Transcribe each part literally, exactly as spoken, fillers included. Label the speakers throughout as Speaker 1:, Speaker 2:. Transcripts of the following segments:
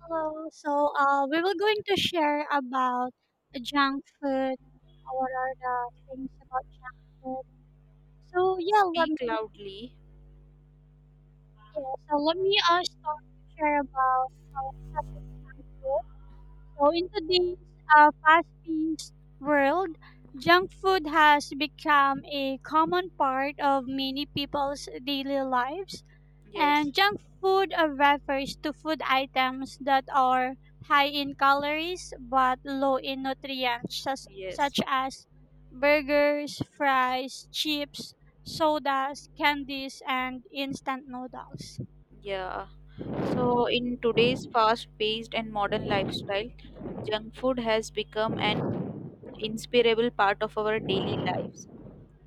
Speaker 1: Hello. So, uh, we were going to share about junk food. What are the things about junk food? So, yeah, let me,
Speaker 2: Speak loudly.
Speaker 1: yeah, so let me uh, start to share about our junk food. So, in today's uh, fast-paced world, junk food has become a common part of many people's daily lives.
Speaker 2: Yes,
Speaker 1: And junk food uh, refers to food items that are high in calories but low in nutrients, such,
Speaker 2: yes,
Speaker 1: such as burgers, fries, chips, sodas, candies, and instant noodles.
Speaker 2: yeah. So, in today's fast paced and modern lifestyle, junk food has become an inseparable part of our daily lives.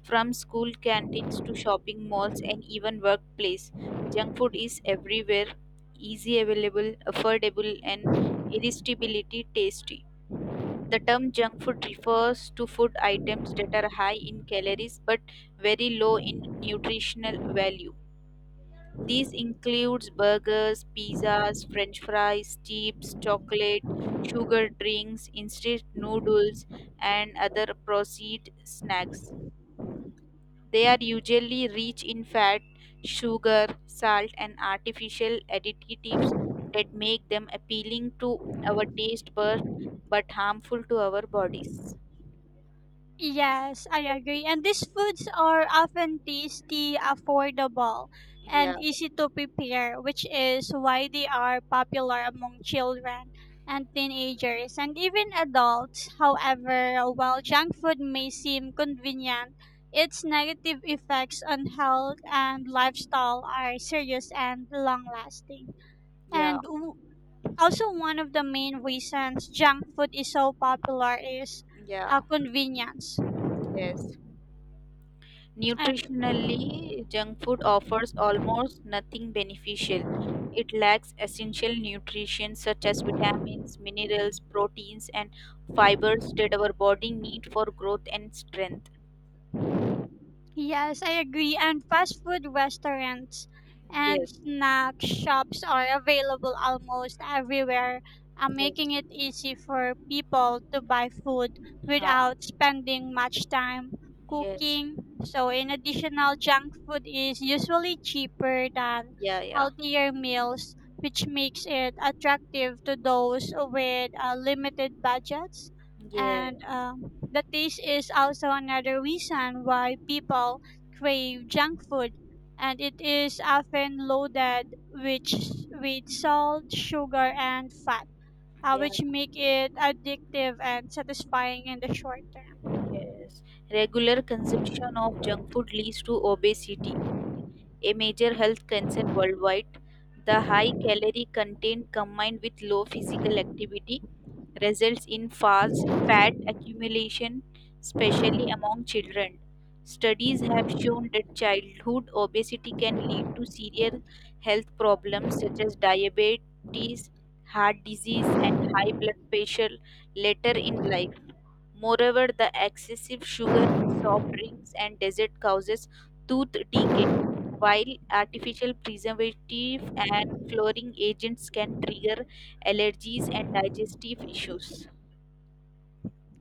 Speaker 2: From school canteens to shopping malls and even workplace, junk food is everywhere, easy available, affordable, and irresistibly tasty. The term junk food refers to food items that are high in calories but very low in nutritional value. These includes burgers, pizzas, french fries, chips, chocolate, sugar drinks, instant noodles and other processed snacks. They are usually rich in fat, sugar, salt and artificial additives that make them appealing to our taste buds but harmful to our bodies.
Speaker 1: Yes, I agree. And these foods are often tasty, affordable,
Speaker 2: Yeah.
Speaker 1: and easy to prepare, which is why they are popular among children and teenagers and even adults. However, while junk food may seem convenient, its negative effects on health and lifestyle are serious and long lasting.
Speaker 2: Yeah,
Speaker 1: And w- Also, one of the main reasons junk food is so popular is uh,
Speaker 2: yeah,
Speaker 1: convenience.
Speaker 2: yes.
Speaker 1: And
Speaker 2: Nutritionally, junk food offers almost nothing beneficial. It lacks essential nutrition such as vitamins, minerals, proteins, and fibers that our body need for growth and strength.
Speaker 1: yes, I agree. And fast food restaurants and
Speaker 2: Yes,
Speaker 1: snack shops are available almost everywhere, uh,
Speaker 2: yes,
Speaker 1: making it easy for people to buy food
Speaker 2: huh,
Speaker 1: without spending much time
Speaker 2: yes,
Speaker 1: cooking. So, in additional, junk food is usually cheaper than
Speaker 2: yeah, yeah,
Speaker 1: healthier meals, which makes it attractive to those with uh, limited budgets,
Speaker 2: yeah,
Speaker 1: and um, the taste is also another reason why people crave junk food, and it is often loaded with with salt sugar and fat, uh,
Speaker 2: yeah,
Speaker 1: which make it addictive and satisfying in the short term.
Speaker 2: yes. Regular consumption of junk food leads to obesity, a major health concern worldwide. The high calorie content combined with low physical activity results in fast fat accumulation, especially among children. Studies have shown that childhood obesity can lead to severe health problems such as diabetes, heart disease, and high blood pressure later in life. Moreover, the excessive sugar in soft drinks and dessert causes tooth decay, while artificial preservative and flavoring agents can trigger allergies and digestive issues.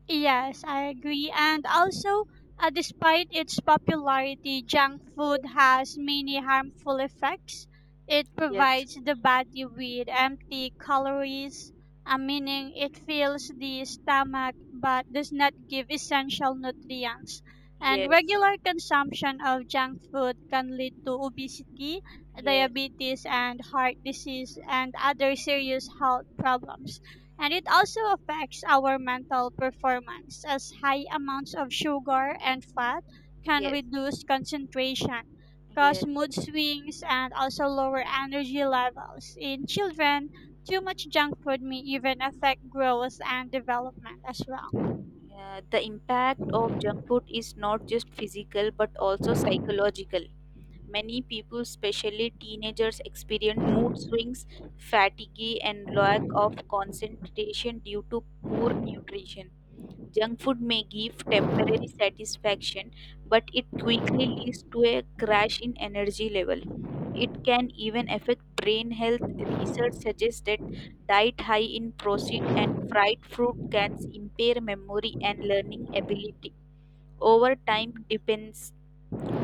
Speaker 1: Yes, I agree. And also, uh, despite its popularity, junk food has many harmful effects. It
Speaker 2: Yes,
Speaker 1: provides the body with empty calories, uh, meaning it fills the stomach but does not give essential nutrients. And
Speaker 2: yes,
Speaker 1: regular consumption of junk food can lead to obesity,
Speaker 2: yes,
Speaker 1: diabetes, and heart disease, and other serious health problems, and it also affects our mental performance as high amounts of sugar and fat can
Speaker 2: yes,
Speaker 1: reduce concentration, cause
Speaker 2: yes.
Speaker 1: mood swings, and also lower energy levels. In children, too much junk food may even affect growth and development as well.
Speaker 2: Uh, the impact of junk food is not just physical but also psychological. Many people, especially teenagers, experience mood swings, fatigue, and lack of concentration due to poor nutrition. Junk food may give temporary satisfaction, but it quickly leads to a crash in energy level. It can even affect brain health. Research suggests that diet high in processed and fried fruit can impair memory and learning ability. Over time, depends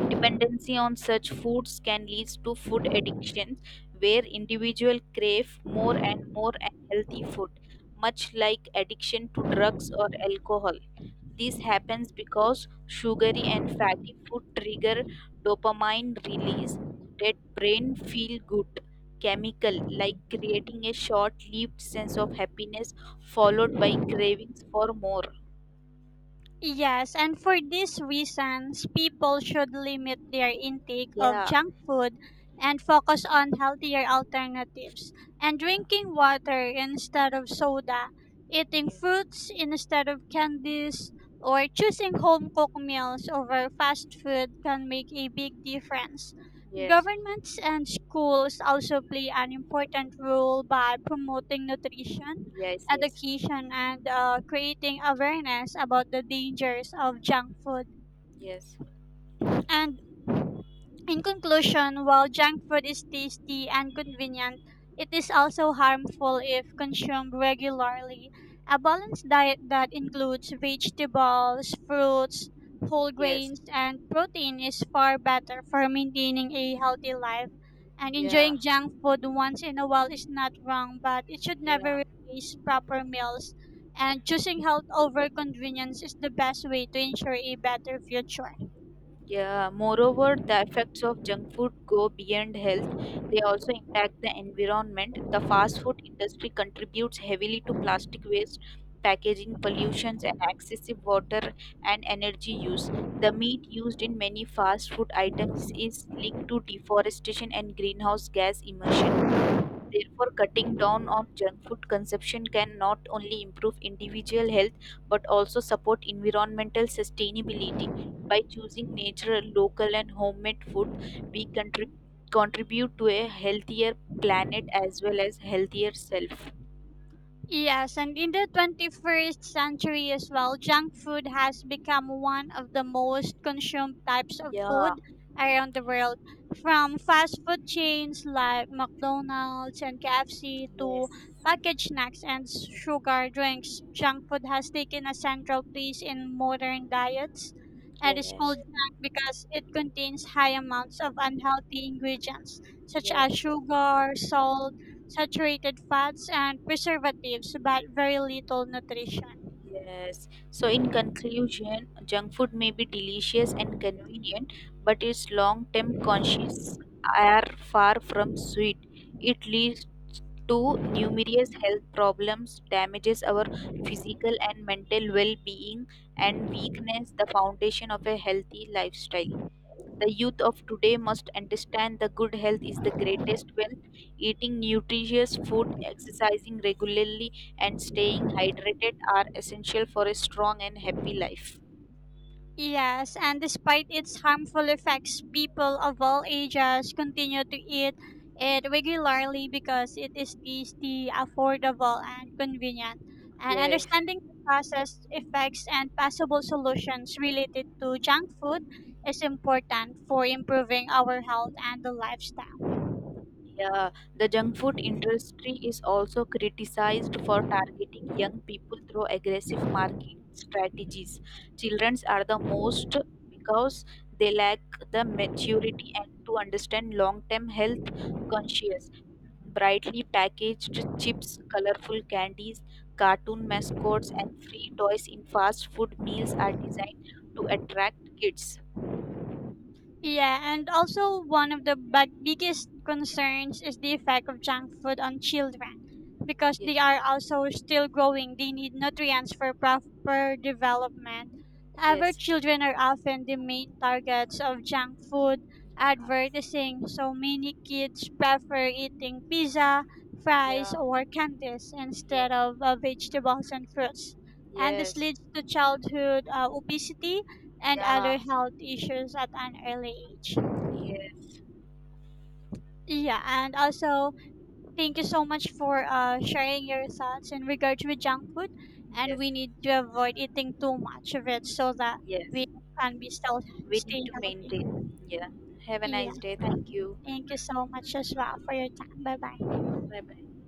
Speaker 2: dependency on such foods can lead to food addictions, where individuals crave more and more unhealthy food, much like addiction to drugs or alcohol. This happens because sugary and fatty food trigger dopamine release, that brain feel good chemical, like creating a short lived sense of happiness followed by cravings for more.
Speaker 1: Yes, and for these reasons, people should limit their intake of
Speaker 2: Yeah.
Speaker 1: junk food and focus on healthier alternatives, and
Speaker 2: Yeah.
Speaker 1: drinking water instead of soda, eating
Speaker 2: Yes.
Speaker 1: fruits instead of candies, or choosing home cooked meals over fast food can make a big difference.
Speaker 2: Yes.
Speaker 1: Governments and schools also play an important role by promoting nutrition
Speaker 2: Yes. Yes.
Speaker 1: education and uh, creating awareness about the dangers of junk food.
Speaker 2: Yes.
Speaker 1: And in conclusion, while junk food is tasty and convenient, it is also harmful if consumed regularly. A balanced diet that includes vegetables, fruits, whole
Speaker 2: Yes,
Speaker 1: grains, and protein is far better for maintaining a healthy life. And
Speaker 2: yeah,
Speaker 1: enjoying junk food once in a while is not wrong, but it should
Speaker 2: yeah,
Speaker 1: never replace proper meals. And choosing health over convenience is the best way to ensure a better future.
Speaker 2: yeah. Moreover, the effects of junk food go beyond health. They also impact the environment. The fast food industry contributes heavily to plastic waste, packaging pollutions, and excessive water and energy use. The meat used in many fast food items is linked to deforestation and greenhouse gas emission. Therefore, cutting down on junk food consumption can not only improve individual health but also support environmental sustainability. By choosing natural, local, and homemade food, we contrib- contribute to a healthier planet as well as healthier self.
Speaker 1: Yes, and in the twenty-first century as well, junk food has become one of the most consumed types of
Speaker 2: Yeah.
Speaker 1: food around the world. From fast food chains like McDonald's and K F C to
Speaker 2: Yes.
Speaker 1: packaged snacks and sugar drinks, junk food has taken a central place in modern diets and is called
Speaker 2: Yes.
Speaker 1: junk because it contains high amounts of unhealthy ingredients such as
Speaker 2: Yes.
Speaker 1: sugar, salt, saturated fats and preservatives, but very little nutrition.
Speaker 2: Yes. So, in conclusion, junk food may be delicious and convenient, but its long term conscious are far from sweet. It leads to numerous health problems, damages our physical and mental well being, and weakness the foundation of a healthy lifestyle. The youth of today must understand that good health is the greatest wealth. Eating nutritious food, exercising regularly, and staying hydrated are essential for a strong and happy life.
Speaker 1: Yes, and despite its harmful effects, people of all ages continue to eat it regularly because it is tasty, affordable, and convenient. And
Speaker 2: Yes.
Speaker 1: understanding the causes, effects, and possible solutions related to junk food is important for improving our health and the lifestyle.
Speaker 2: Yeah, the junk food industry is also criticized for targeting young people through aggressive marketing strategies. Children are the most because they lack the maturity and to understand long-term health conscious. Brightly packaged chips, colorful candies, cartoon mascots, and free toys in fast food meals are designed to attract kids.
Speaker 1: Yeah, and also one of the bad biggest concerns is the effect of junk food on children because
Speaker 2: Yeah,
Speaker 1: they are also still growing. They need nutrients for proper development. However,
Speaker 2: yes.
Speaker 1: children are often the main targets of junk food advertising, so many kids prefer eating pizza, fries,
Speaker 2: Yeah.
Speaker 1: or candies
Speaker 2: Yeah. Yes.
Speaker 1: instead of uh, vegetables and fruits. And this
Speaker 2: Yes.
Speaker 1: leads to childhood uh, obesity and
Speaker 2: Yeah.
Speaker 1: other health issues at an early age.
Speaker 2: Yes,
Speaker 1: Yeah, and also thank you so much for uh, sharing your thoughts in regards with junk food, and
Speaker 2: yes,
Speaker 1: we need to avoid eating too much of it so that we
Speaker 2: yes.
Speaker 1: can be still
Speaker 2: We
Speaker 1: stay
Speaker 2: need to
Speaker 1: healthy.
Speaker 2: maintain. Yeah. Have a
Speaker 1: Yeah,
Speaker 2: nice day. Thank you.
Speaker 1: thank you so much as well for your time. Bye bye.
Speaker 2: Bye bye.